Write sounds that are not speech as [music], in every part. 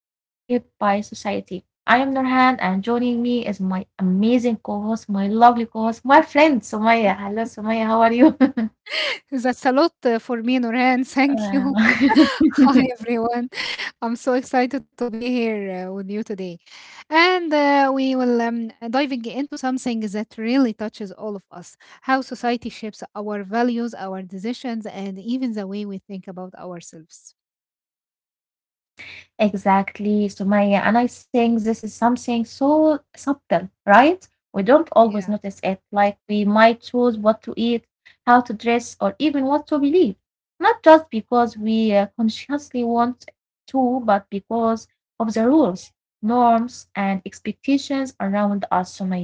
to Shaped by Society. I am Nurhan and joining me is my amazing co-host, my lovely co-host, my friend Sumaya. Hello Sumaya, how are you? [laughs] That's a lot for me, Nurhan. Thank you. Uh, [laughs] Hi, [laughs] everyone. I'm so excited to be here with you today. And we will diving into something that really touches all of us, how society shapes our values, our decisions, and even the way we think about ourselves. Exactly, Sumaya. And I think this is something so subtle, right? We don't always Yeah. notice it. Like we might choose what to eat, how to dress, or even what to believe. Not just because we consciously want to, but because of the rules, norms, and expectations around us, Sumaya.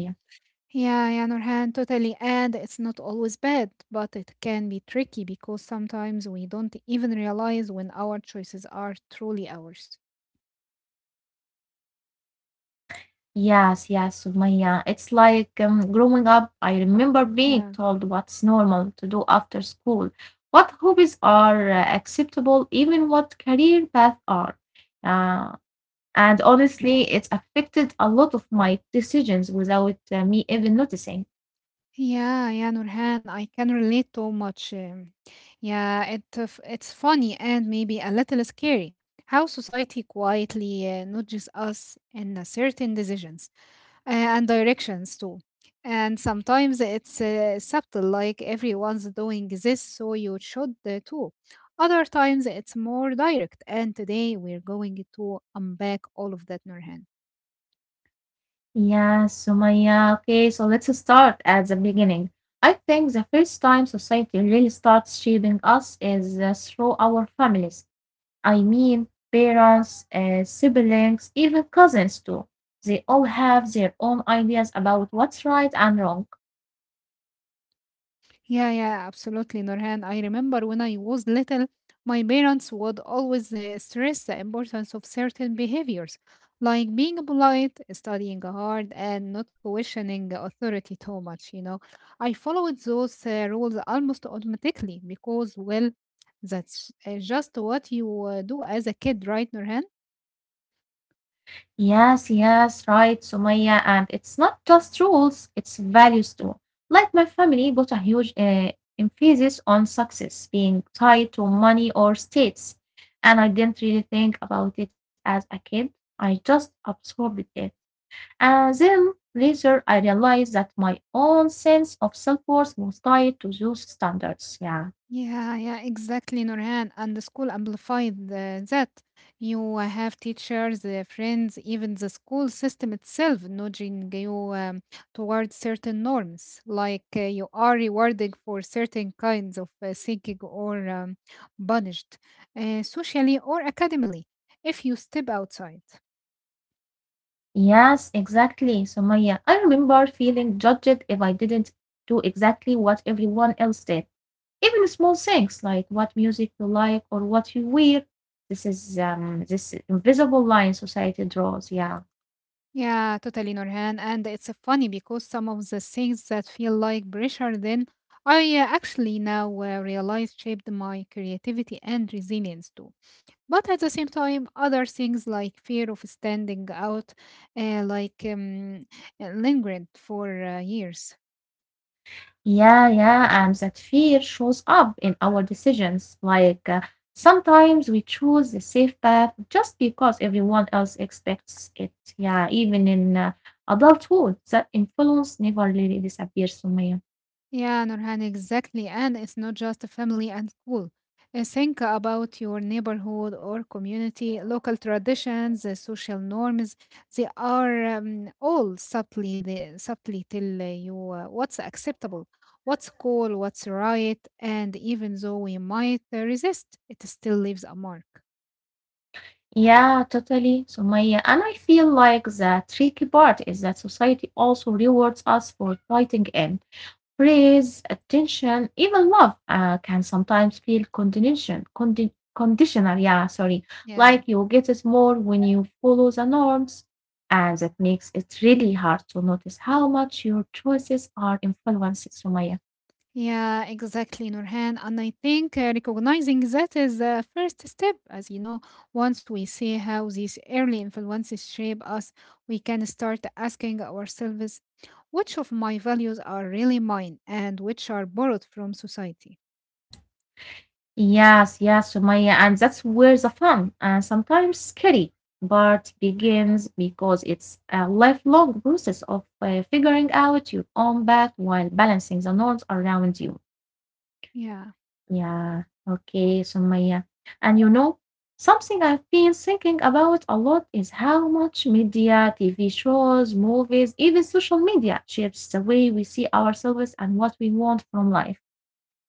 Yeah, yeah, Nurhan, totally. And it's not always bad, but it can be tricky because sometimes we don't even realize when our choices are truly ours. Yes, yes, Sumaya. It's like growing up, I remember being Yeah. told what's normal to do after school, what hobbies are acceptable, even what career paths are. Uh, and honestly, it's affected a lot of my decisions without me even noticing. Yeah, yeah, Nurhan, I can relate so much. Yeah, it's funny and maybe a little scary how society quietly nudges us in a certain decisions. And directions too. And sometimes it's subtle, like everyone's doing this, so you should too. Other times it's more direct. And today we're going to unpack all of that, Nurhan. Yes, Sumaya. Okay, so let's start at the beginning. I think the first time society really starts shaping us is through our families, I mean, parents, siblings, even cousins too. They all have their own ideas about what's right and wrong. Yeah, yeah, absolutely, Nurhan. I remember when I was little, my parents would always stress the importance of certain behaviors, like being polite, studying hard, and not questioning authority too much. I followed those rules almost automatically because, well, that's just what you do as a kid, right, Nurhan? Yes, yes, right, Sumaya. And it's not just rules, it's values too. Like my family put a huge emphasis on success being tied to money or status. And I didn't really think about it as a kid, I just absorbed it. And then later I realized that my own sense of self worth was tied to those standards. Yeah. Yeah, yeah, exactly, Nurhan. And the school amplified that. You have teachers, friends, even the school system itself nudging you towards certain norms, like you are rewarded for certain kinds of thinking or punished socially or academically if you step outside. Yes, exactly. So Maya, I remember feeling judged if I didn't do exactly what everyone else did. Even small things like what music you like or what you wear. This is this invisible line society draws, yeah. Yeah, totally, Nurhan. And it's funny because some of the things that feel like pressure then, I actually now realize shaped my creativity and resilience too. But at the same time, other things like fear of standing out, like lingered for years. Yeah, yeah, and that fear shows up in our decisions. Like sometimes we choose the safe path just because everyone else expects it. Yeah, even in adulthood, that influence never really disappears, Sumaya. Yeah, Nurhan, exactly. And it's not just family and school. Think about your neighborhood or community, local traditions, social norms. They are all subtly tell you what's acceptable, what's cool, what's right. And even though we might resist, it still leaves a mark. Yeah, totally, Sumaya. And I feel like the tricky part is that society also rewards us for fighting in. Praise, attention, even love can sometimes feel conditional, yeah, sorry, Yeah. like you get it more when you follow the norms. And that makes it really hard to notice how much your choices are influenced, Sumaya. Yeah, exactly, Nurhan. And I think recognizing that is the first step. As you know, once we see how these early influences shape us, we can start asking ourselves which of my values are really mine and which are borrowed from society. Yes, yes, Sumaya. And that's where the fun and sometimes scary part begins because it's a lifelong process of figuring out your own path while balancing the norms around you. Yeah. Yeah, okay, Sumaya. And you know, something I've been thinking about a lot is how much media, TV shows, movies, even social media shapes the way we see ourselves and what we want from life.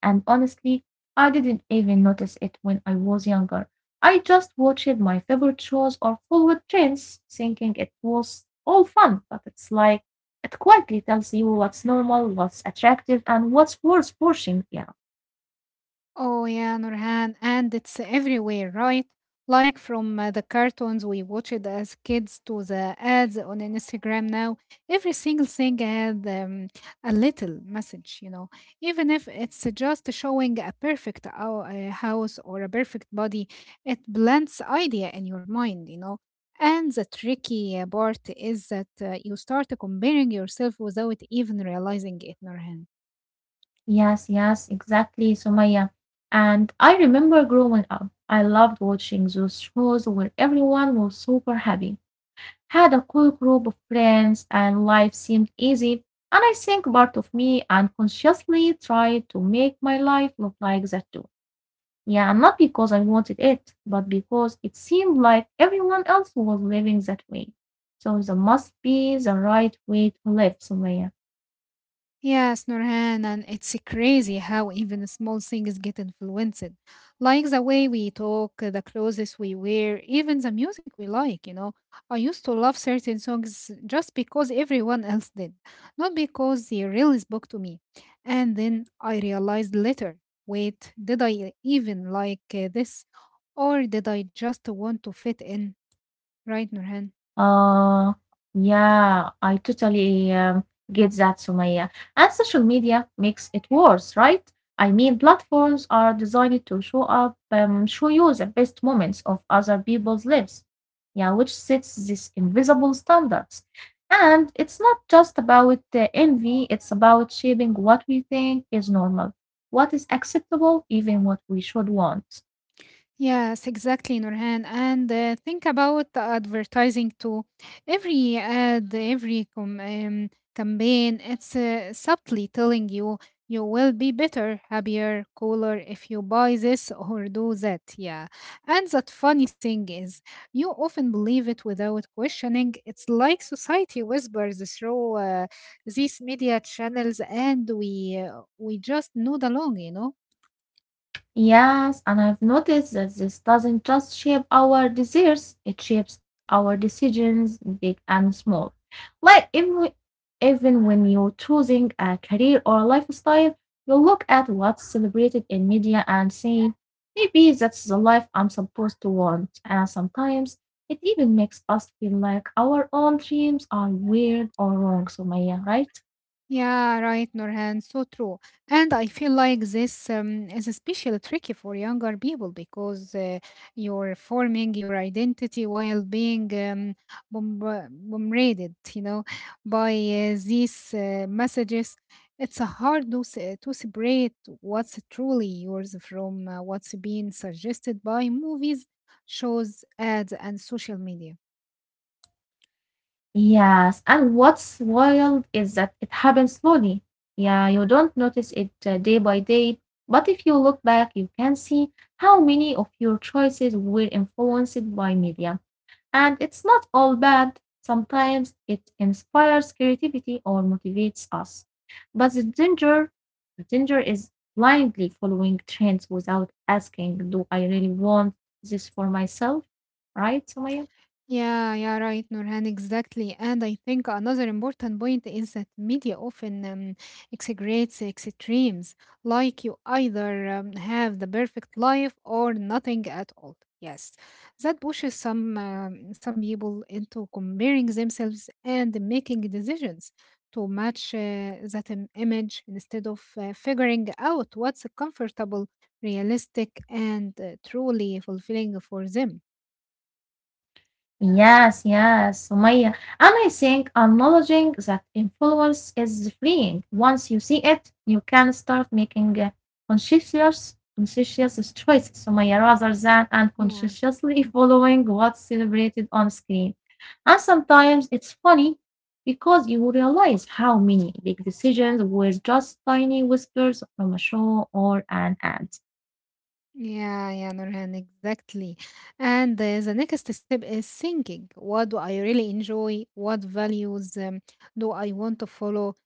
And honestly, I didn't even notice it when I was younger. I just watched my favorite shows or followed trends, thinking it was all fun, but it's like it quietly tells you what's normal, what's attractive, and what's worth pushing. Yeah. Oh yeah, Nurhan, and it's everywhere, right? Like from the cartoons we watched as kids to the ads on Instagram now, every single thing had a little message. Even if it's just showing a perfect house or a perfect body, it blends idea in your mind. And the tricky part is that you start comparing yourself without even realizing it, Nurhan. Yes, yes, exactly, Sumaya. And I remember growing up, I loved watching those shows where everyone was super happy, had a cool group of friends, and life seemed easy. And I think part of me unconsciously tried to make my life look like that too. Yeah, and not because I wanted it, but because it seemed like everyone else was living that way. So there must be the right way to live, Sumaya. Yes, Nurhan, and it's crazy how even small things get influenced. Like the way we talk, the clothes we wear, even the music we like. I used to love certain songs just because everyone else did, not because they really spoke to me. And then I realized later wait, did I even like this? Or did I just want to fit in? Right, Nurhan? Uh, yeah, I totally get that, Sumaya. And social media makes it worse, right? I mean, platforms are designed to show you the best moments of other people's lives. Yeah, which sets these invisible standards. And it's not just about envy, it's about shaping what we think is normal, what is acceptable, even what we should want. Yes, exactly, Nurhan. And think about the advertising too. Every ad, every campaign, it's subtly telling you will be better, happier, cooler if you buy this or do that. Yeah. And that funny thing is, you often believe it without questioning. It's like society whispers through these media channels, and we just nod along. Yes, and I've noticed that this doesn't just shape our desires, it shapes our decisions, big and small. Like even when you're choosing a career or a lifestyle, you look at what's celebrated in media and saying, maybe that's the life I'm supposed to want. And sometimes it even makes us feel like our own dreams are weird or wrong, Sumaya, right? Yeah, right, Nurhan. So true. And I feel like this is especially tricky for younger people because you're forming your identity while being bombarded, by these messages. It's hard to separate what's truly yours from what's being suggested by movies, shows, ads, and social media. Yes, and what's wild is that it happens slowly. Yeah, you don't notice it day by day, but if you look back, you can see how many of your choices were influenced by media. And it's not all bad. Sometimes it inspires creativity or motivates us. But the danger is blindly following trends without asking, do I really want this for myself? Right, Sumaya? Yeah, yeah, right, Nurhan, exactly. And I think another important point is that media often exaggerates extremes, like you either have the perfect life or nothing at all. Yes, that pushes some people into comparing themselves and making decisions to match that image instead of figuring out what's comfortable, realistic, and truly fulfilling for them. Yes, yes, Sumaya. And I think acknowledging that influence is freeing. Once you see it, you can start making conscientious choices, Sumaya, rather than Yeah. unconsciously [laughs] following what's celebrated on screen. And sometimes it's funny because you realize how many big decisions were just tiny whispers from a show or an ad. Yeah, yeah, Nurhan, exactly. And the next step is thinking. What do I really enjoy? What values do I want to follow?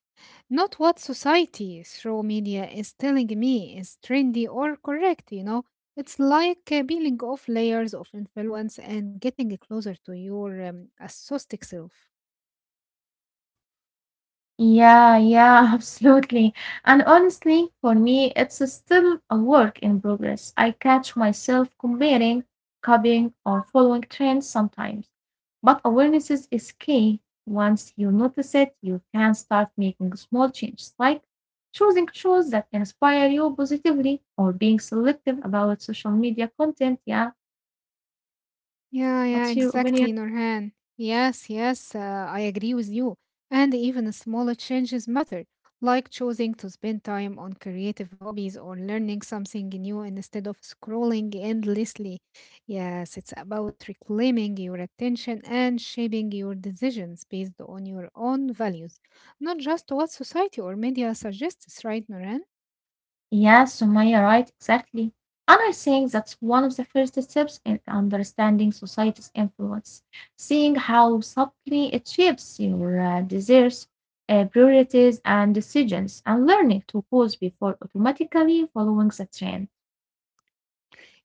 Not what society through media is telling me is trendy or correct, you know? It's like peeling off layers of influence and getting closer to your authentic self. Yeah, yeah, [laughs] absolutely. And honestly, for me, it's still a work in progress. I catch myself comparing, copying, or following trends sometimes. But awareness is key. Once you notice it, you can start making small changes, like choosing shows that inspire you positively or being selective about social media content. Yeah, Yeah, yeah, what's your opinion? exactly, Nurhan. Yes, yes, I agree with you. And even smaller changes matter, like choosing to spend time on creative hobbies or learning something new instead of scrolling endlessly. Yes, it's about reclaiming your attention and shaping your decisions based on your own values, not just what society or media suggests, right, Nurhan? Yeah, Sumaya, right, exactly. And I think that's one of the first steps in understanding society's influence, seeing how subtly it shapes your desires, priorities, and decisions, and learning to pause before automatically following the trend.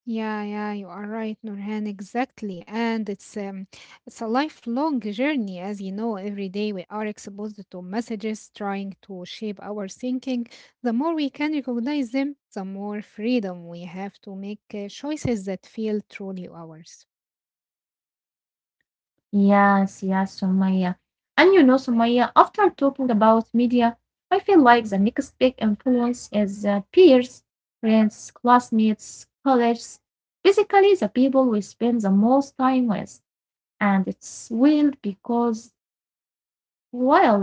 Yeah, yeah, you are right, Nurhan, exactly. And it's a lifelong journey, as you know. Every day we are exposed to messages trying to shape our thinking. The more we can recognize them, the more freedom we have to make choices that feel truly ours. Yes, yes, Sumaya. And you know, Sumaya, after talking about media, I feel like the next big influence is peers, friends, classmates, colleagues, basically the people we spend the most time with. And it's wild because, well,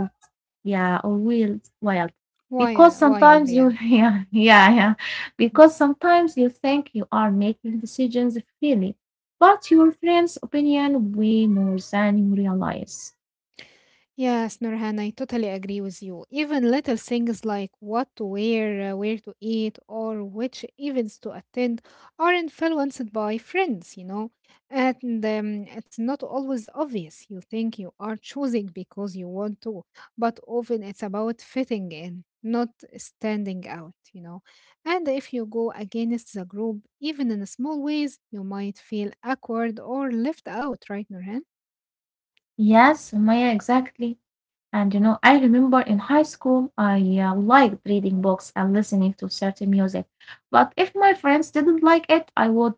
yeah, or wild. Why, Because uh, why are sometimes you, they. [laughs] yeah, yeah, yeah. Because sometimes you think you are making decisions freely, but your friend's opinion way more than you realize. Yes, Nurhan, I totally agree with you. Even little things like what to wear, where to eat, or which events to attend are influenced by friends. And it's not always obvious. You think you are choosing because you want to, but often it's about fitting in, not standing out. And if you go against the group, even in small ways, you might feel awkward or left out, right, Nurhan? Yes, Maya, exactly. And you know, I remember in high school, I liked reading books and listening to certain music. But if my friends didn't like it, I would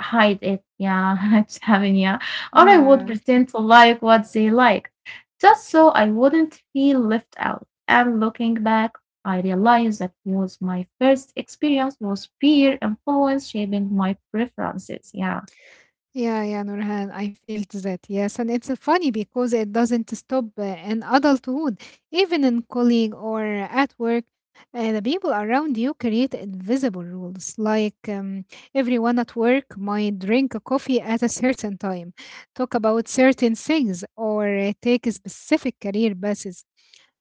hide it, yeah, [laughs] it's happening, yeah. Or I would Yeah. pretend to like what they like, just so I wouldn't feel left out. And looking back, I realized that was my first experience was peer influence shaping my preferences, yeah. Yeah, yeah, Nurhan, I felt that, yes. And it's funny because it doesn't stop in adulthood, even in colleague or at work. The people around you create invisible rules, like everyone at work might drink a coffee at a certain time, talk about certain things, or take specific career paths,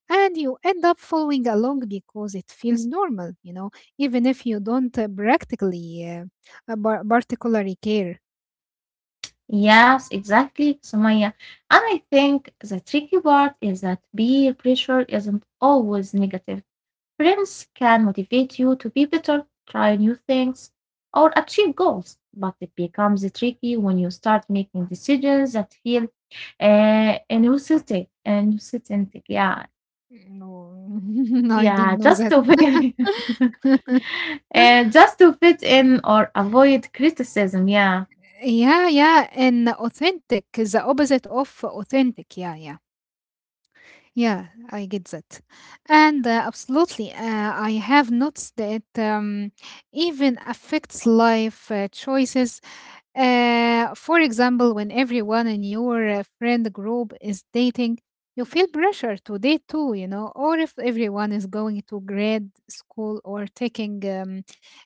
and you end up following along because it feels normal even if you don't practically particularly care. Yes, exactly, Sumaya. And I think the tricky part is that peer pressure isn't always negative. Friends can motivate you to be better, try new things, or achieve goals, but it becomes tricky when you start making decisions that feel inauthentic, yeah, Mm, no. [laughs] I yeah, don't know that. [laughs] Just to fit in or avoid criticism, yeah, Yeah, yeah, and authentic, the opposite of authentic. Yeah, yeah. Yeah, I get that. And absolutely, I have noticed that it even affects life choices. For example, when everyone in your friend group is dating, you feel pressure to date too, or if everyone is going to grad school or taking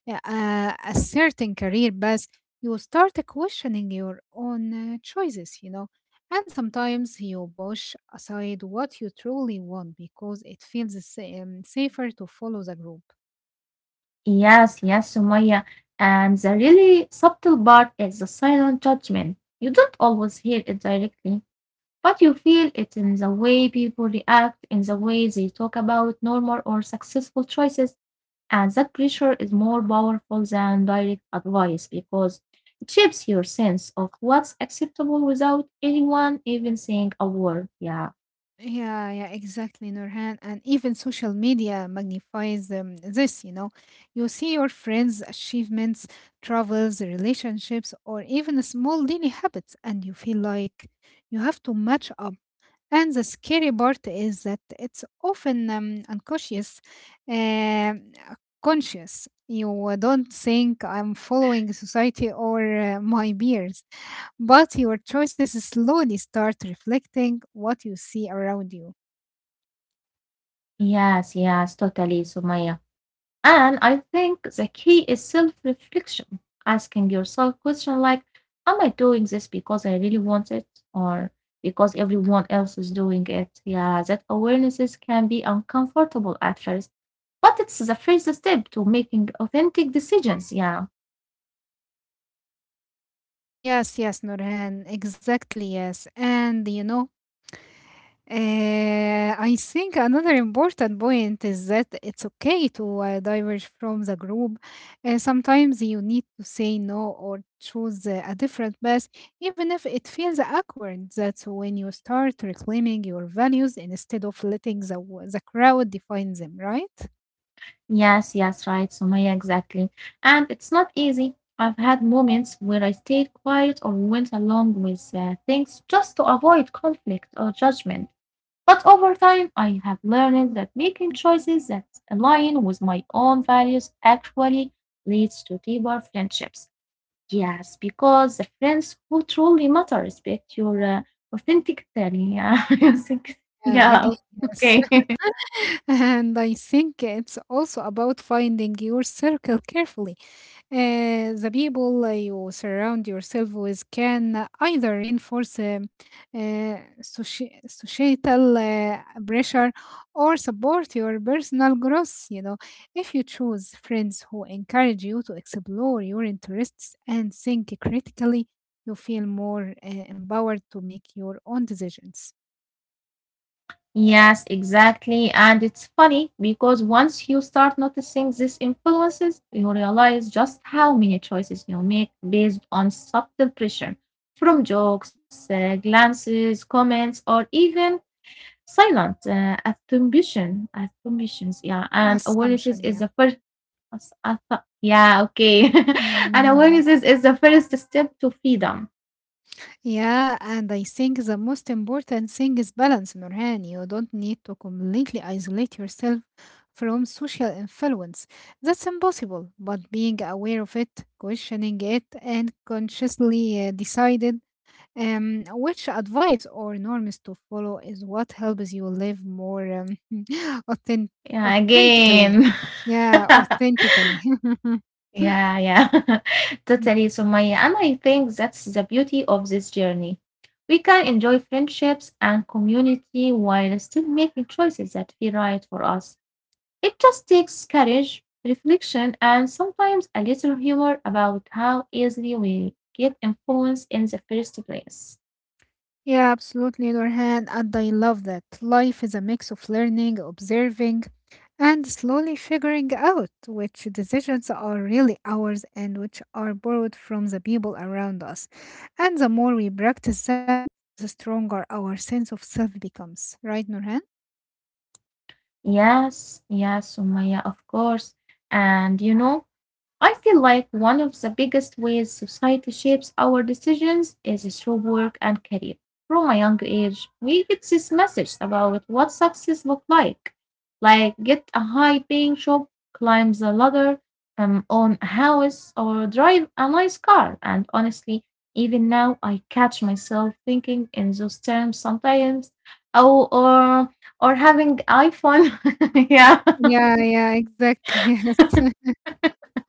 a certain career path, you start questioning your own choices, and sometimes you push aside what you truly want because it feels safer to follow the group. yes, yes, Sumaya, and the really subtle part is the silent judgment. You don't always hear it directly, but you feel it in the way people react, in the way they talk about normal or successful choices, and that pressure is more powerful than direct advice because it shapes your sense of what's acceptable without anyone even saying a word. Yeah. Yeah, yeah, exactly, Nurhan. And even social media magnifies this, you know. You see your friends' achievements, travels, relationships, or even small daily habits, and you feel like you have to match up. And the scary part is that it's often unconscious, uh, conscious. You don't think I'm following society or my peers, but your choices slowly start reflecting what you see around you. Yes, yes, totally, Sumaya. And I think the key is self reflection, asking yourself questions like, am I doing this because I really want it or because everyone else is doing it? Yeah, that awarenesses can be uncomfortable at first, but it's the first step to making authentic decisions. Yeah. Yes, yes, Nurhan, exactly, yes. And I think another important point is that it's okay to diverge from the group. Sometimes you need to say no or choose a different path, even if it feels awkward. That's when you start reclaiming your values instead of letting the crowd define them, right? Yes, yes, right, Sumaya, exactly. And it's not easy. I've had moments where I stayed quiet or went along with things just to avoid conflict or judgment. But over time, I have learned that making choices that align with my own values actually leads to deeper friendships. Yes, because the friends who truly matter respect your authentic, yeah, [laughs] you think, yeah, Again, okay. yes. [laughs] And I think it's also about finding your circle carefully, uh, the people you surround yourself with can either reinforce societal pressure or support your personal growth. If you choose friends who encourage you to explore your interests and think critically, you feel more empowered to make your own decisions. Yes, exactly. And it's funny because once you start noticing these influences, you realize just how many choices you make based on subtle pressure from jokes, glances, comments, or even silent attributions. Yeah, and awareness is Assumption, the yeah. first. As- I thought- Yeah, okay. [laughs] And awareness Mhm. is, is the first step to freedom. Yeah, and I think the most important thing is balance, Nurhan. You don't need to completely isolate yourself from social influence. That's impossible, but being aware of it, questioning it, and consciously decided which advice or norms to follow is what helps you live more [laughs] authen- Yeah, authentically. again. Yeah, [laughs] authentically. [laughs] Yeah, yeah, [laughs] Mm. totally, Sumaya. And I think that's the beauty of this journey. We can enjoy friendships and community while still making choices that feel right for us. It just takes courage, reflection, and sometimes a little humor about how easily we get influenced in the first place. Yeah, absolutely, Nurhan, and I love that. Life is a mix of learning, observing, and slowly figuring out which decisions are really ours and which are borrowed from the people around us. And the more we practice that, the stronger our sense of self becomes, right, Nurhan? Yes, yes, Sumaya, of course. And you know, I feel like one of the biggest ways society shapes our decisions is through work and career. From a young age, we get this message about what success looks like get a high-paying job, climb the ladder, own a house, or drive a nice car. And honestly, even now, I catch myself thinking in those terms sometimes. Oh, or or having iPhone, [laughs] yeah. Yeah, yeah, exactly. [laughs] Yes.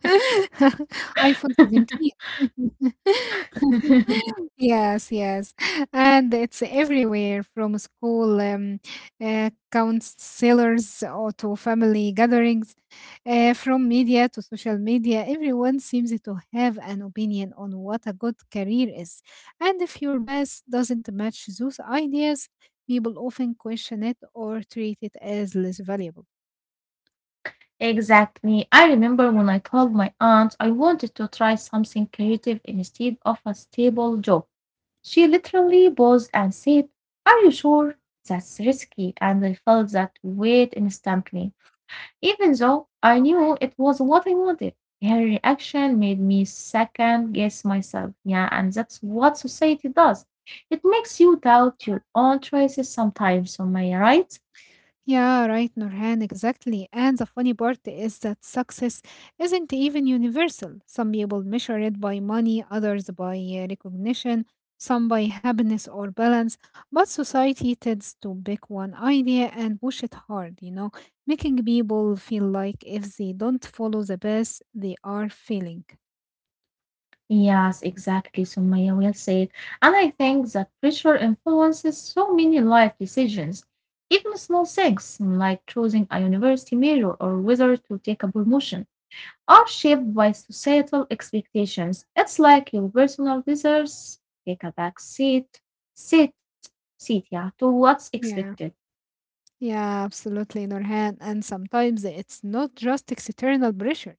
[laughs] iPhone 17. [laughs] [laughs] Yes, yes. And it's everywhere, from school counselors or to family gatherings, from media to social media. Everyone seems to have an opinion on what a good career is. And if your best doesn't match those ideas, people often question it or treat it as less valuable. Exactly. I remember when I told my aunt I wanted to try something creative instead of a stable job. She literally paused and said, are you sure? That's risky. And I felt that weight instantly, even though I knew it was what I wanted. Her reaction made me second guess myself. Yeah, and that's what society does. It makes you doubt your own choices sometimes. Am I right? Yeah, right, Nurhan, exactly. And the funny part is that success isn't even universal. Some people measure it by money, others by recognition, some by happiness or balance. But society tends to pick one idea and push it hard, making people feel like if they don't follow the path, they are failing. Yes, exactly, Sumaya will say. And I think that pressure influences so many life decisions, even small things like choosing a university major or whether to take a promotion, are shaped by societal expectations. It's like your personal desires take a back seat, seat, yeah, to what's expected. Yeah. Yeah, absolutely, Nurhan. And sometimes it's not just external pressure.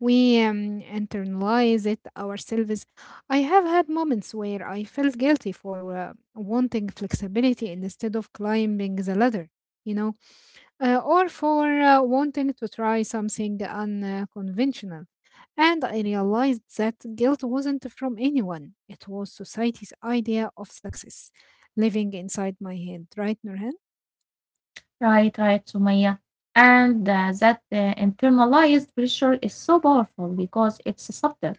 We internalize it ourselves. I have had moments where I felt guilty for wanting flexibility instead of climbing the ladder, you know, or for wanting to try something unconventional. And I realized that guilt wasn't from anyone, it was society's idea of success living inside my head, right, Nurhan? Right, right, Sumaya. And that internalized pressure is so powerful because it's subtle.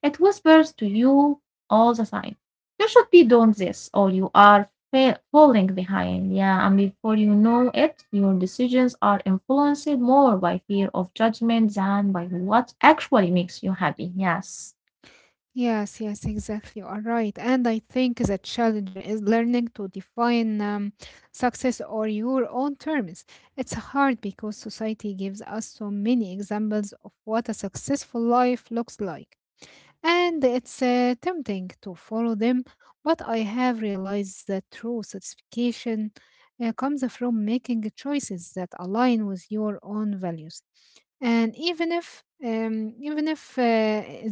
It whispers to you all the time, you should be doing this or you are falling behind. Yeah, and before you know it, your decisions are influenced more by fear of judgment than by what actually makes you happy. Yes. Yes, yes, exactly. You are right. And I think the challenge is learning to define success or your own terms. It's hard because society gives us so many examples of what a successful life looks like. And it's tempting to follow them, but I have realized that true satisfaction comes from making choices that align with your own values. And even if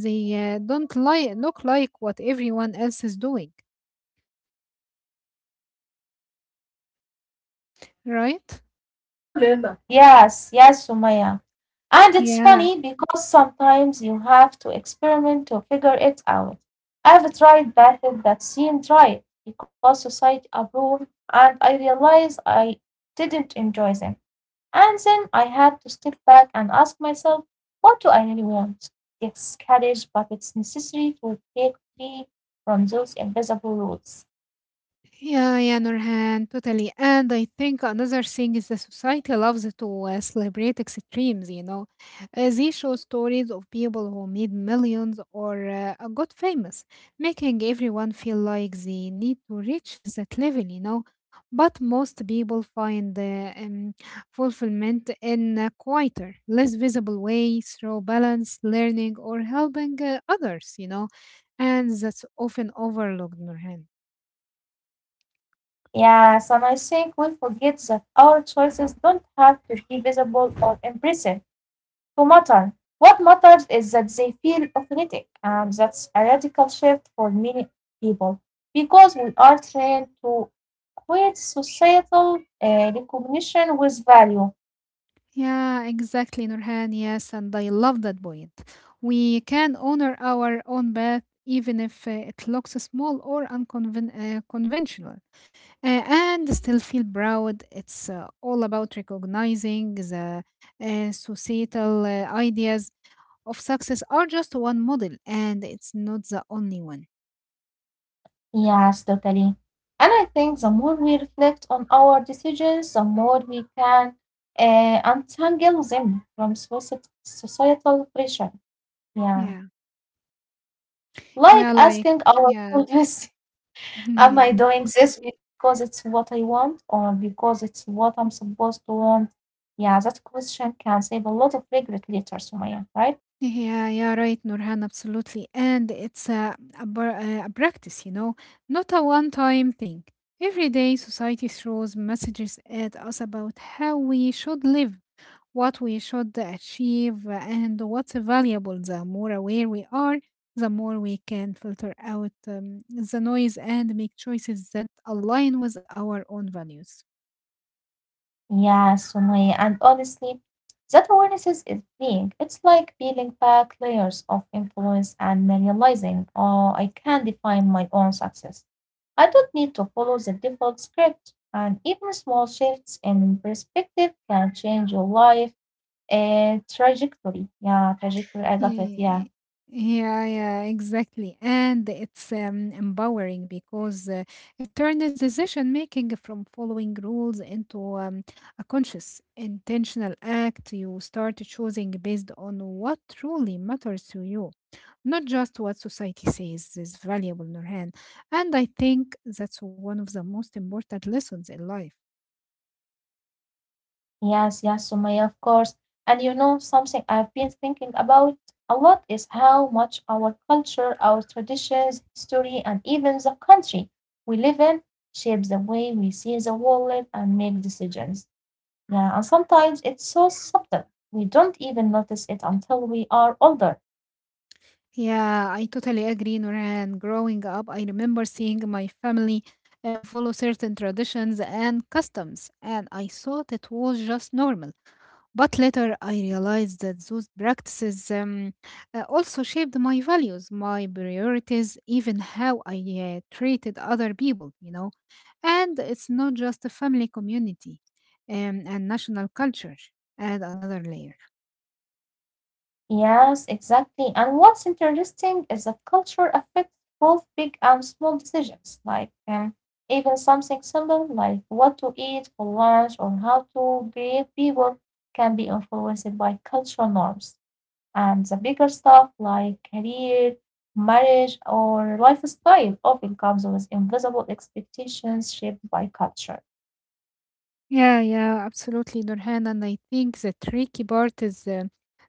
they don't look like what everyone else is doing, right? Yes, yes, Sumaya. And it's Yeah. funny because sometimes you have to experiment to figure it out. I've tried methods that seemed right because society approved, and I realized I didn't enjoy them. And then I had to step back and ask myself, what do I really want? It's courage, but it's necessary to break free from those invisible rules. Yeah, yeah, Nurhan, totally. And I think another thing is the society loves to celebrate extremes. They show stories of people who made millions or got famous, making everyone feel like they need to reach that level. But most people find fulfillment in a quieter, less visible way through balance, learning, or helping others. And that's often overlooked, Nurhan. Yes, and I think we forget that our choices don't have to be visible or impressive to matter. What matters is that they feel authentic, and that's a radical shift for many people because we are trained to equate societal recognition with value. Yeah, exactly, Nurhan. Yes, and I love that point. We can honor our own path even if it looks small or unconventional. And still feel proud. It's all about recognizing the societal ideas of success are just one model, and it's not the only one. Yes, totally. And I think the more we reflect on our decisions, the more we can untangle them from societal pressure. Yeah. Yeah, yeah, Like like, asking yeah, ourselves, [laughs] [laughs] am yeah. I doing this because it's what I want or because it's what I'm supposed to want? Yeah, that question can save a lot of regret later, Sumaya, right? Yeah, yeah, right, Nurhan, absolutely. And it's a practice, not a one time thing. Every day, society throws messages at us about how we should live, what we should achieve, and what's valuable. The more aware we are, the more we can filter out the noise and make choices that align with our own values. Yeah, Sumaya, and honestly, that awareness is being. It's like peeling back layers of influence and then realizing, oh, I can define my own success. I don't need to follow the default script, and even small shifts in perspective can change your life trajectory. Yeah, trajectory. I got it. Ye- Yeah. Yeah, yeah, exactly. And it's empowering because it turns decision making from following rules into a conscious, intentional act. You start choosing based on what truly matters to you, not just what society says is valuable, Nurhan. And I think that's one of the most important lessons in life. Yes, yes, Sumaya, of course. And you know, something I've been thinking about a lot is how much our culture, our traditions, history, and even the country we live in shapes the way we see the world and make decisions. Yeah, and sometimes it's so subtle, we don't even notice it until we are older. Yeah, I totally agree, Noran. Growing up, I remember seeing my family follow certain traditions and customs, and I thought it was just normal. But later, I realized that those practices also shaped my values, my priorities, even how I treated other people. And it's not just a family community and national culture, and another layer. Yes, exactly. And what's interesting is that culture affects both big and small decisions, like even something simple like what to eat for lunch or how to greet people can be influenced by cultural norms. And the bigger stuff like career, marriage, or lifestyle often comes with invisible expectations shaped by culture. Yeah, yeah, absolutely, Nurhan. And I think the tricky part is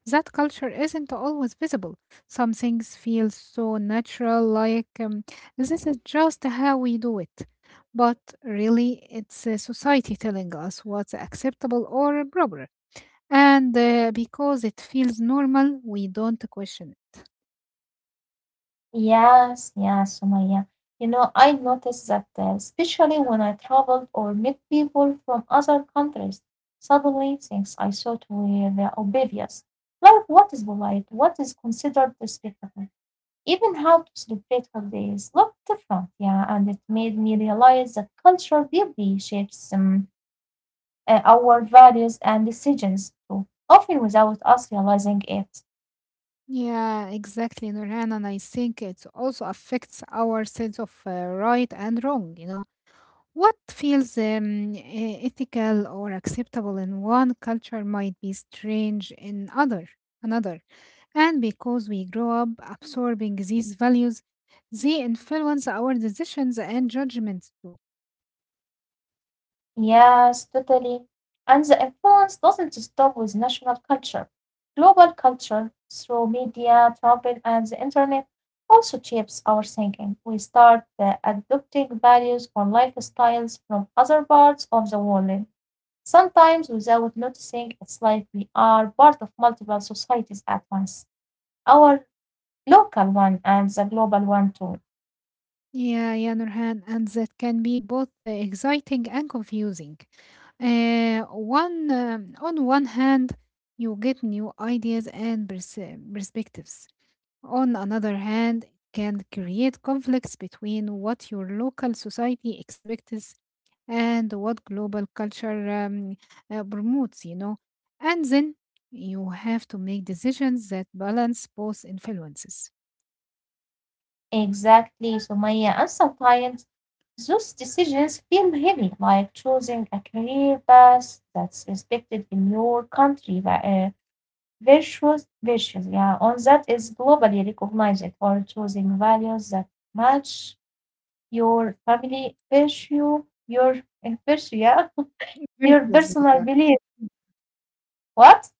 that culture isn't always visible. Some things feel so natural, like, this is just how we do it. But really, it's society telling us what's acceptable or proper. And because it feels normal, we don't question it. Yes, yes, Sumaya. You know, I noticed that, especially when I traveled or met people from other countries, suddenly things I thought were obvious, like what is polite, what is considered respectful, even how to celebrate holidays, looked different. Yeah, and it made me realize that culture deeply shapes our values and decisions too, often without us realizing it. Yeah, exactly, Nurhan. And I think it also affects our sense of right and wrong. You know, what feels ethical or acceptable in one culture might be strange in other another. And because we grow up absorbing these values, they influence our decisions and judgments too. Yes, totally. And the influence doesn't stop with national culture. Global culture, through media, travel, and the internet, also shapes our thinking. We start adopting values or lifestyles from other parts of the world, sometimes without noticing. It's like we are part of multiple societies at once, our local one and the global one too. Yeah, yeah, Nurhan, and that can be both exciting and confusing. One on one hand, you get new ideas and perspectives. On another hand, it can create conflicts between what your local society expects and what global culture promotes. And then you have to make decisions that balance both influences. Exactly, Sumaya. And sometimes those decisions feel heavy, like choosing a career path that's respected in your country, but, virtues, yeah, on that is globally recognized, or choosing values that match your family virtue, your in virtue, yeah, [laughs] your Versus, yeah, personal belief. What?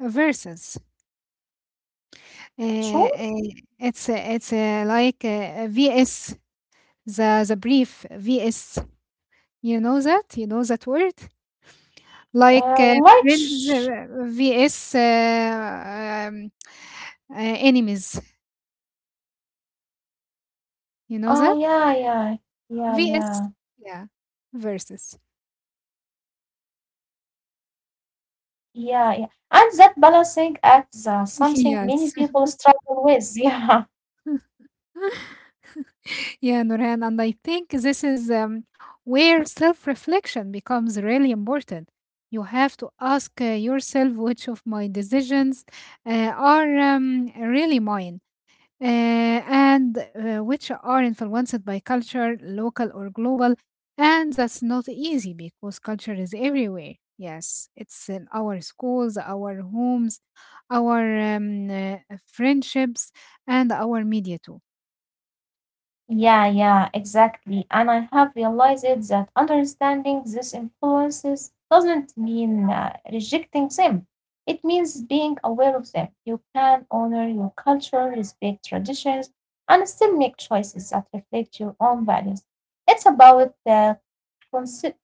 versus. Uh, Sure. uh, it's like, vs., the brief VS. You know that? You know that word? Like Uh, uh, like, friends sh- vs. Enemies. You know that? yeah, yeah, VS. yeah. Yeah. Versus. yeah. Yeah, And that balancing act is something many [laughs] Yes. people struggle with. [laughs] Yeah, Yeah, Noreen, and I think this is where self reflection becomes really important. You have to ask yourself, which of my decisions are really mine and which are influenced by culture, local or global. And that's not easy because culture is everywhere. Yes, it's in our schools, our homes, our friendships, and our media too. yeah, yeah, exactly. And I have realized it that understanding these influences doesn't mean rejecting them. It means being aware of them. You can honor your culture, respect traditions, and still make choices that reflect your own values. It's about the consi-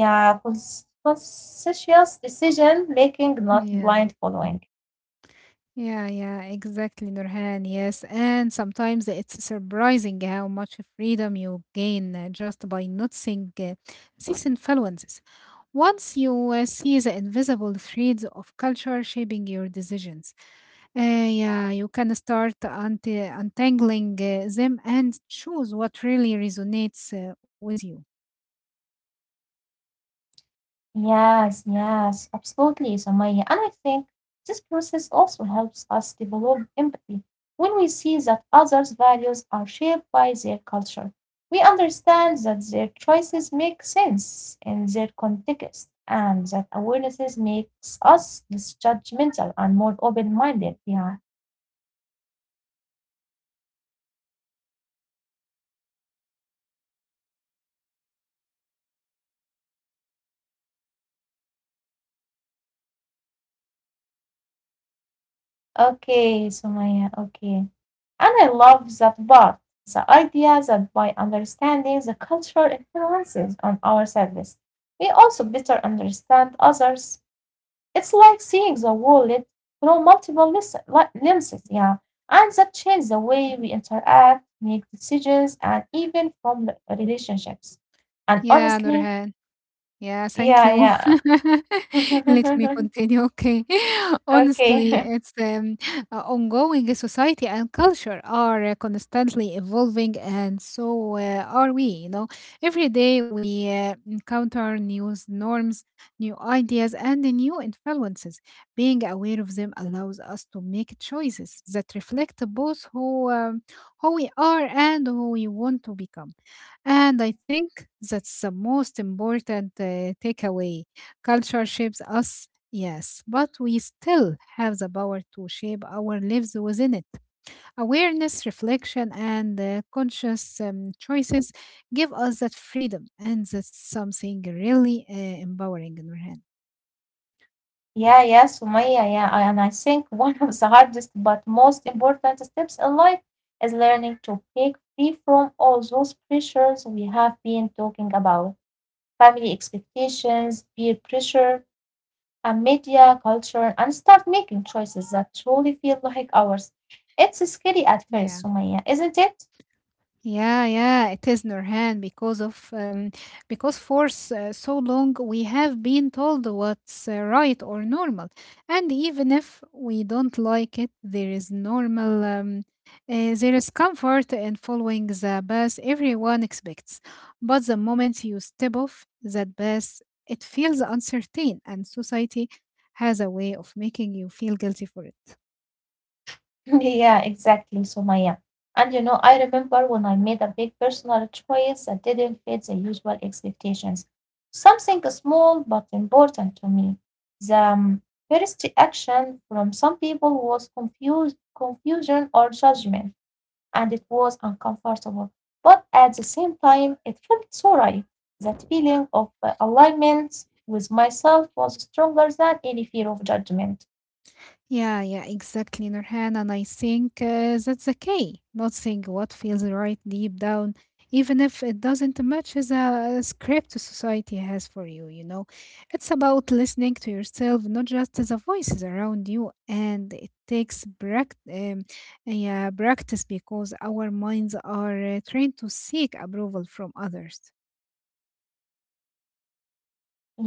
yeah, conscious decision making, not Yeah. blind following. Yeah, yeah, exactly, Nurhan. Yes, and sometimes it's surprising how much freedom you gain just by noticing these influences. Once you see the invisible threads of culture shaping your decisions, uh, yeah, you can start untangling them and choose what really resonates with you. Yes, yes, absolutely, Samaya. And I think this process also helps us develop empathy. When we see that others' values are shaped by their culture, we understand that their choices make sense in their context and that awarenesses makes us less judgmental and more open-minded. Yeah. Okay, Sumaya, okay. And I love that part, the idea that by understanding the cultural influences on ourselves, we also better understand others. It's like seeing the world through multiple lenses, yeah. And that changes the way we interact, make decisions, and even form the relationships. And Yeah, honestly, Nurhan. Yeah, thank yeah, you. yeah. [laughs] Let [laughs] me continue. Okay. [laughs] Okay. Honestly, it's ongoing. Society and culture are constantly evolving, and so are we. You know, every day we encounter new norms, new ideas, and new influences. Being aware of them allows us to make choices that reflect both who we are and who we want to become. And I think that's the most important takeaway. Culture shapes us, yes, but we still have the power to shape our lives within it. Awareness, reflection, and conscious choices give us that freedom, and that's something really empowering, Nurhan. Yeah, yeah, Sumaya, yeah. And I think [laughs] one of the hardest but most important steps in life is learning to break free from all those pressures we have been talking about. Family expectations, peer pressure, and media culture, and start making choices that truly feel like ours. It's scary at Yeah. first, Sumaya, isn't it? Yeah, yeah, it is, Nurhan, because of because for s- so long we have been told what's right or normal, and even if we don't like it, there is normal. There is comfort in following the path everyone expects, but the moment you step off that path, it feels uncertain, and society has a way of making you feel guilty for it. [laughs] Yeah, exactly, Sumaya. And you know, I remember when I made a big personal choice that didn't fit the usual expectations. Something small but important to me. The first reaction from some people was confusion or judgment, and it was uncomfortable. But at the same time, it felt so right. That feeling of alignment with myself was stronger than any fear of judgment. Yeah, yeah, exactly, Nurhan. And I think that's the key. Not saying what feels right deep down, even if it doesn't match the script society has for you, you know. It's about listening to yourself, not just to the voices around you. And it takes yeah, practice because our minds are trained to seek approval from others.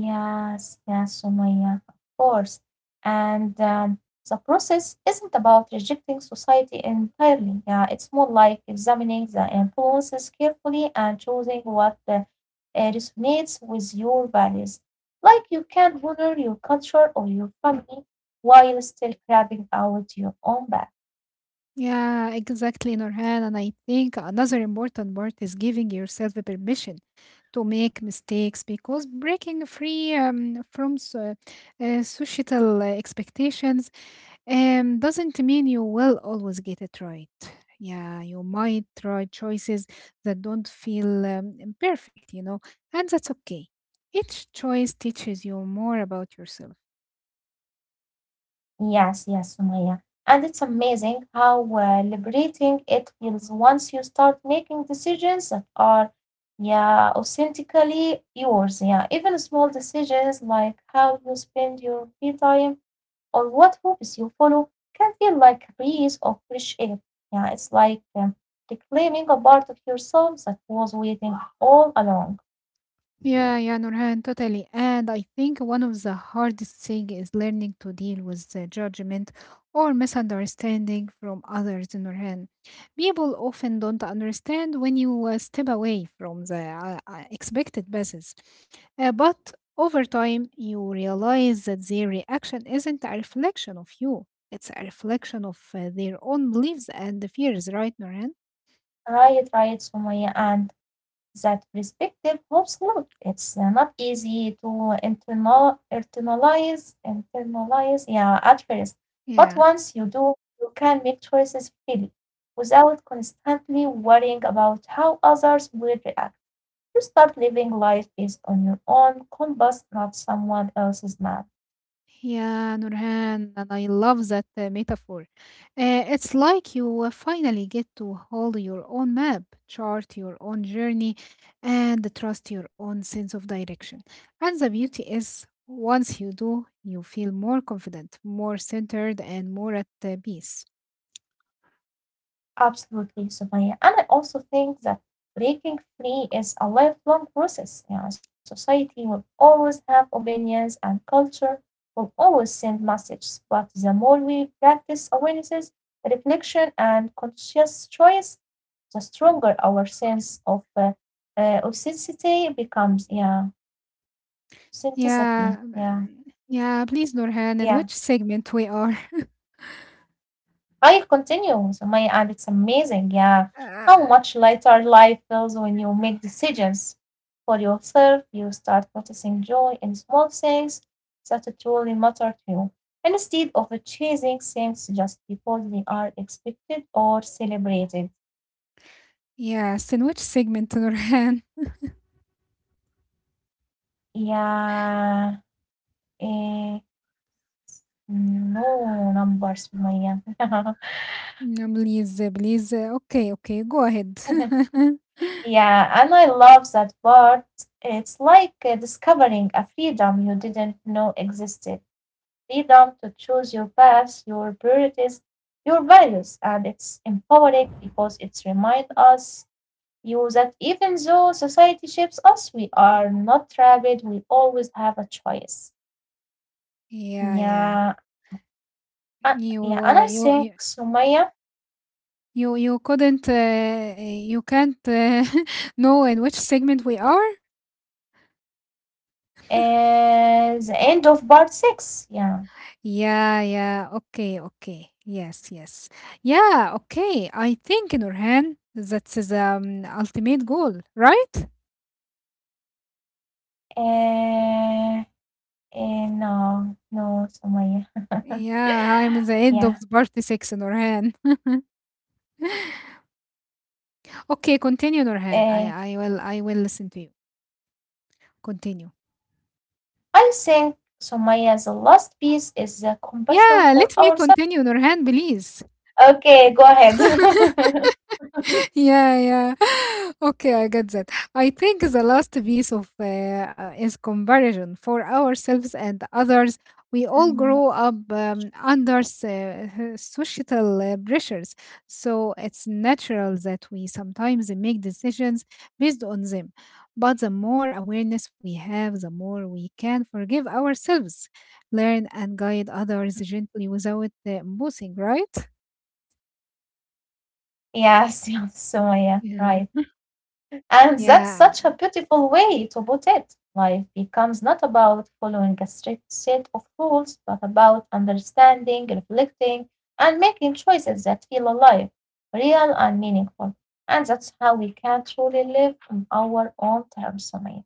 Yes, yes, Sumaya, of course. And the process isn't about rejecting society entirely. Yeah, it's more like examining the influences carefully and choosing what resonates with your values. Like you can honor your culture or your family while still carving out your own path. Yeah, exactly, Nurhan. And I think another important part is giving yourself a permission to make mistakes because breaking free from societal expectations doesn't mean you will always get it right. Yeah, you might try choices that don't feel perfect, and that's okay. Each choice teaches you more about yourself. Yes, yes, Sumaya. And it's amazing how liberating it feels once you start making decisions that are, yeah, authentically yours. Yeah, even small decisions like how you spend your free time or what hobbies you follow can feel like a breeze of fresh air. Yeah, it's like reclaiming a part of yourself that was waiting all along. Yeah, yeah, Nurhan, totally. And I think one of the hardest thing is learning to deal with the judgment or misunderstanding from others, Nurhan. People often don't understand when you step away from the expected basis. But over time, you realize that their reaction isn't a reflection of you. It's a reflection of their own beliefs and fears, right, Nurhan? Right, right, Sumaya. And that perspective helps a lot. It's not easy to internalize, yeah, at first. But Yeah. once you do, you can make choices freely without constantly worrying about how others will react. You start living life based on your own compass, not someone else's map. Yeah, Nurhan, and I love that metaphor. It's like you finally get to hold your own map, chart your own journey, and trust your own sense of direction. And the beauty is, once you do, you feel more confident, more centered, and more at peace. Absolutely, Sumaya. And I also think that breaking free is a lifelong process. Yeah, society will always have opinions and culture will always send messages. But the more we practice awarenesses, reflection, and conscious choice, the stronger our sense of authenticity becomes. Yeah, authenticity. Yeah, Yeah, please, Nurhan, yeah. in which segment we are? I continue. So my and it's amazing, yeah. How [laughs] Uh, much lighter life feels when you make decisions for yourself. You start noticing joy in small things that truly matter to you, instead of chasing things just because they are expected or celebrated. yes, in which segment, Nurhan? Yeah. Eh, no numbers, Maya. [laughs] No, please, please. Okay, okay, go ahead. [laughs] [laughs] Yeah, and I love that part. It's like discovering a freedom you didn't know existed. Freedom to choose your path, your priorities, your values, and it's empowering because it reminds us you that even though society shapes us, we are not trapped. We always have a choice. Yeah, yeah. Yeah, uh, yeah, You, and uh, I you, you, think Sumaya you can't [laughs] know in which segment we are? is the end of part six. Yeah. Yeah, yeah. Okay, okay. Yes, yes. Yeah, okay. I think, Nurhan, that's the ultimate goal, right? Uh, Eh, no, no, Somaya. [laughs] Yeah, I'm at the Yeah. end of part six, Nurhan. [laughs] Okay, continue, Nurhan. I Eh, I will I will listen to you. Continue. I think Sumaya's last piece is compassion Yeah, for let me ourselves. continue, Nurhan, please. Okay, go ahead. [laughs] Yeah, yeah. [laughs] Okay, I get that. I think the last piece of is comparison for ourselves and others. We all Mm, grow up under societal pressures, so it's natural that we sometimes make decisions based on them. But the more awareness we have, the more we can forgive ourselves, learn, and guide others gently without boosting, right? yes, yes, Sumaya, Yeah. right. And Yeah. that's such a beautiful way to put it. Life becomes not about following a strict set of rules, but about understanding, reflecting, and making choices that feel alive, real, and meaningful. And that's how we can truly live on our own terms, Sumaya.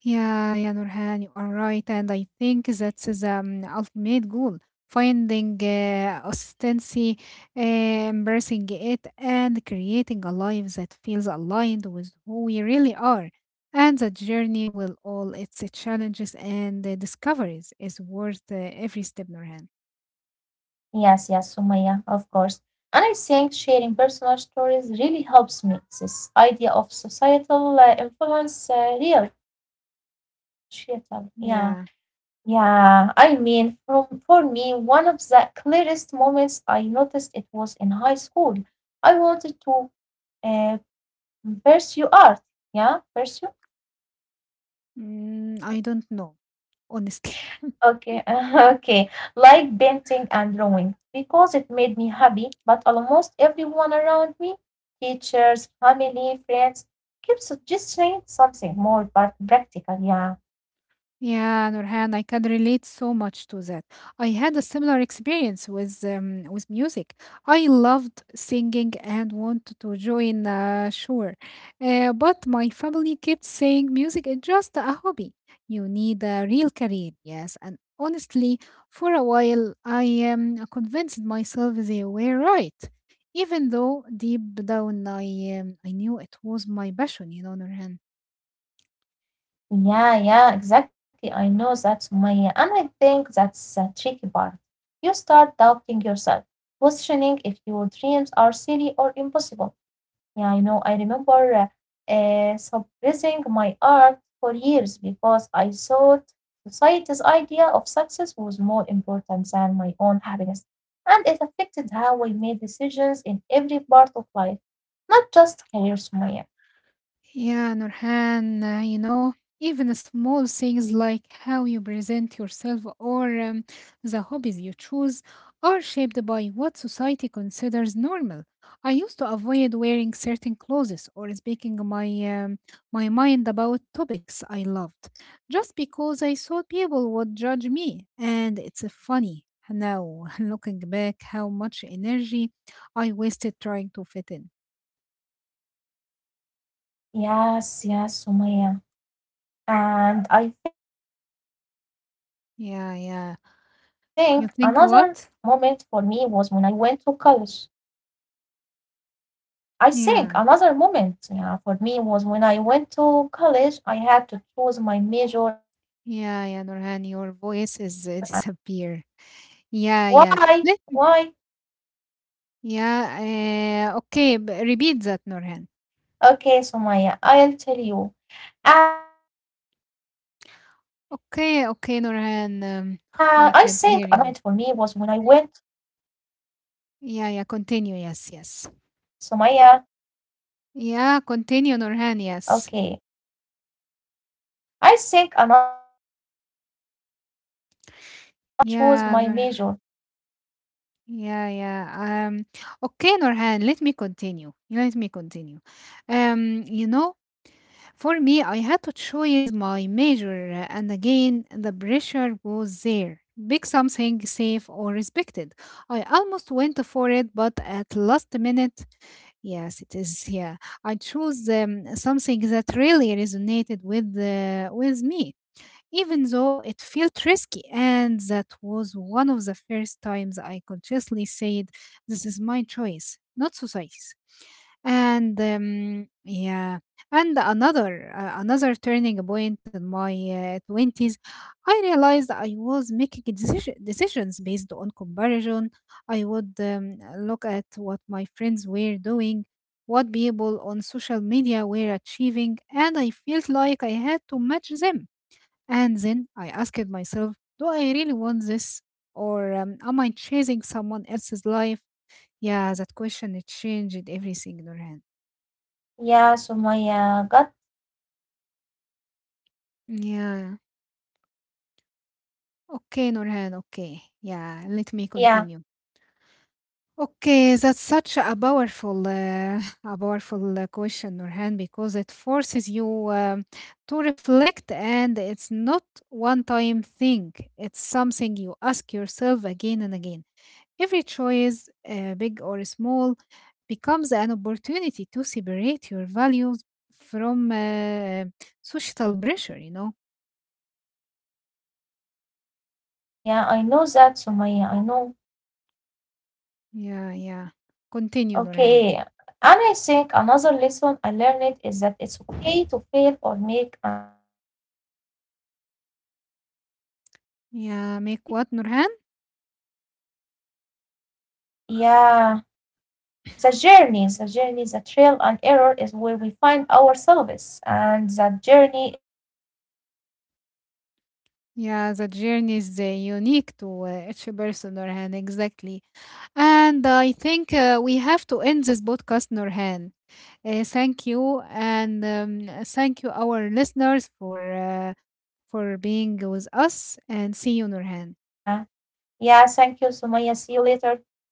Yeah, yeah, Nurhan, you are right. And I think that's the ultimate goal, finding austency, embracing it, and creating a life that feels aligned with who we really are. And the journey with all its challenges and discoveries is worth every step, Nurhan. Yes, yes, Sumaya, of course. And I think sharing personal stories really helps make this idea of societal influence real, societal, yeah. Yeah, Yeah, I mean, from, for me, one of the clearest moments I noticed it was in high school. I wanted to uh, pursue art. Yeah, pursue? I don't know, honestly. Okay, [laughs] okay. Like painting and drawing because it made [laughs] me happy, but almost everyone around me, teachers, family, friends, kept suggesting something more but practical. Yeah. Yeah, Nurhan, I can relate so much to that. I had a similar experience with with music. I loved singing and wanted to join a choir, but my family kept saying music is just a hobby. You need a real career. Yes, and honestly, for a while, I convinced myself they were right, even though deep down I I knew it was my passion. You know, Nurhan. Yeah, yeah, exactly. I know that, Sumaya. And I think that's the tricky part. You start doubting yourself, questioning if your dreams are silly or impossible. Yeah, you know, I remember suppressing my art for years because I thought society's idea of success was more important than my own happiness. And it affected how I made decisions in every part of life, not just career, Sumaya. Yeah, Nurhan, even small things like how you present yourself or the hobbies you choose are shaped by what society considers normal. I used to avoid wearing certain clothes or speaking my um, my mind about topics I loved just because I thought people would judge me. And it's funny now [laughs] looking back how much energy I wasted trying to fit in. Yes, yes, Sumaya. And I think another moment for Yeah, me was yeah. when I went to You college. think what? I think another moment, yeah, for me Yeah, was when I went to college, I had to choose my major, and again, the pressure was yeah, there. yeah, Nurhan, Big your sums. voice is [laughs] disappear. Yeah, yeah. Why? Let Why? Yeah. Okay, repeat that, Nurhan. Okay, so Maya, I'll tell you. I think another moment for me was when Okay, I okay, went. Nurhan. I can't hear you. So Yeah, Maya, yeah. Continue. Yes, yes. okay, Yeah, continue, Nurhan. Yes. I think another moment for me was when I went to college. I had to choose my major. Yeah, Nur. Yeah, yeah. Okay, Nurhan. Let me continue. Let me continue. You know, for me, I had to choose my major, and again, the pressure was there. Pick something safe or respected. I almost went for it, but at last minute, yes, it is. Yeah, I chose something that really resonated with with me, even though it felt risky. And that was one of the first times I consciously said, "This is my choice, not society's." And um, yeah, and another another turning point in my twenties, I realized I was making decisions based on comparison. I would look at what my friends were doing, what people on social media were achieving, and I felt like I had to match them. And then I asked myself, do I really want this? Or am I chasing someone else's life? Yeah, that question it changed everything, Nurhan. Yeah, Sumaya got Yeah. okay, okay, Okay, Nurhan, okay. Yeah, let me yeah, continue. Okay, that's such a powerful, [laughs] a powerful question, Nurhan, because it forces you to reflect, and it's not one-time thing. It's something you ask yourself again and again. Every choice, big or small, becomes an opportunity to separate your values from social pressure, you know? yeah, yeah, I know that, Sumaya, I know. Yeah, yeah. Continue, Nurhan. Okay. And I think another lesson I learned is that it's okay to fail or make unconventional choices. Yeah, Society, make what, Nurhan? yeah. The journey, the trail and error is where we find ourselves, and that journey is unique to each person, Sumaya. Yeah, the journey is unique to each person, Nurhan, exactly. And I think we have to end this podcast, Nurhan. Thank you, and thank you, our listeners, for for being with us. And see you, Nurhan. Yeah, yeah, thank you, Sumaya. See you later.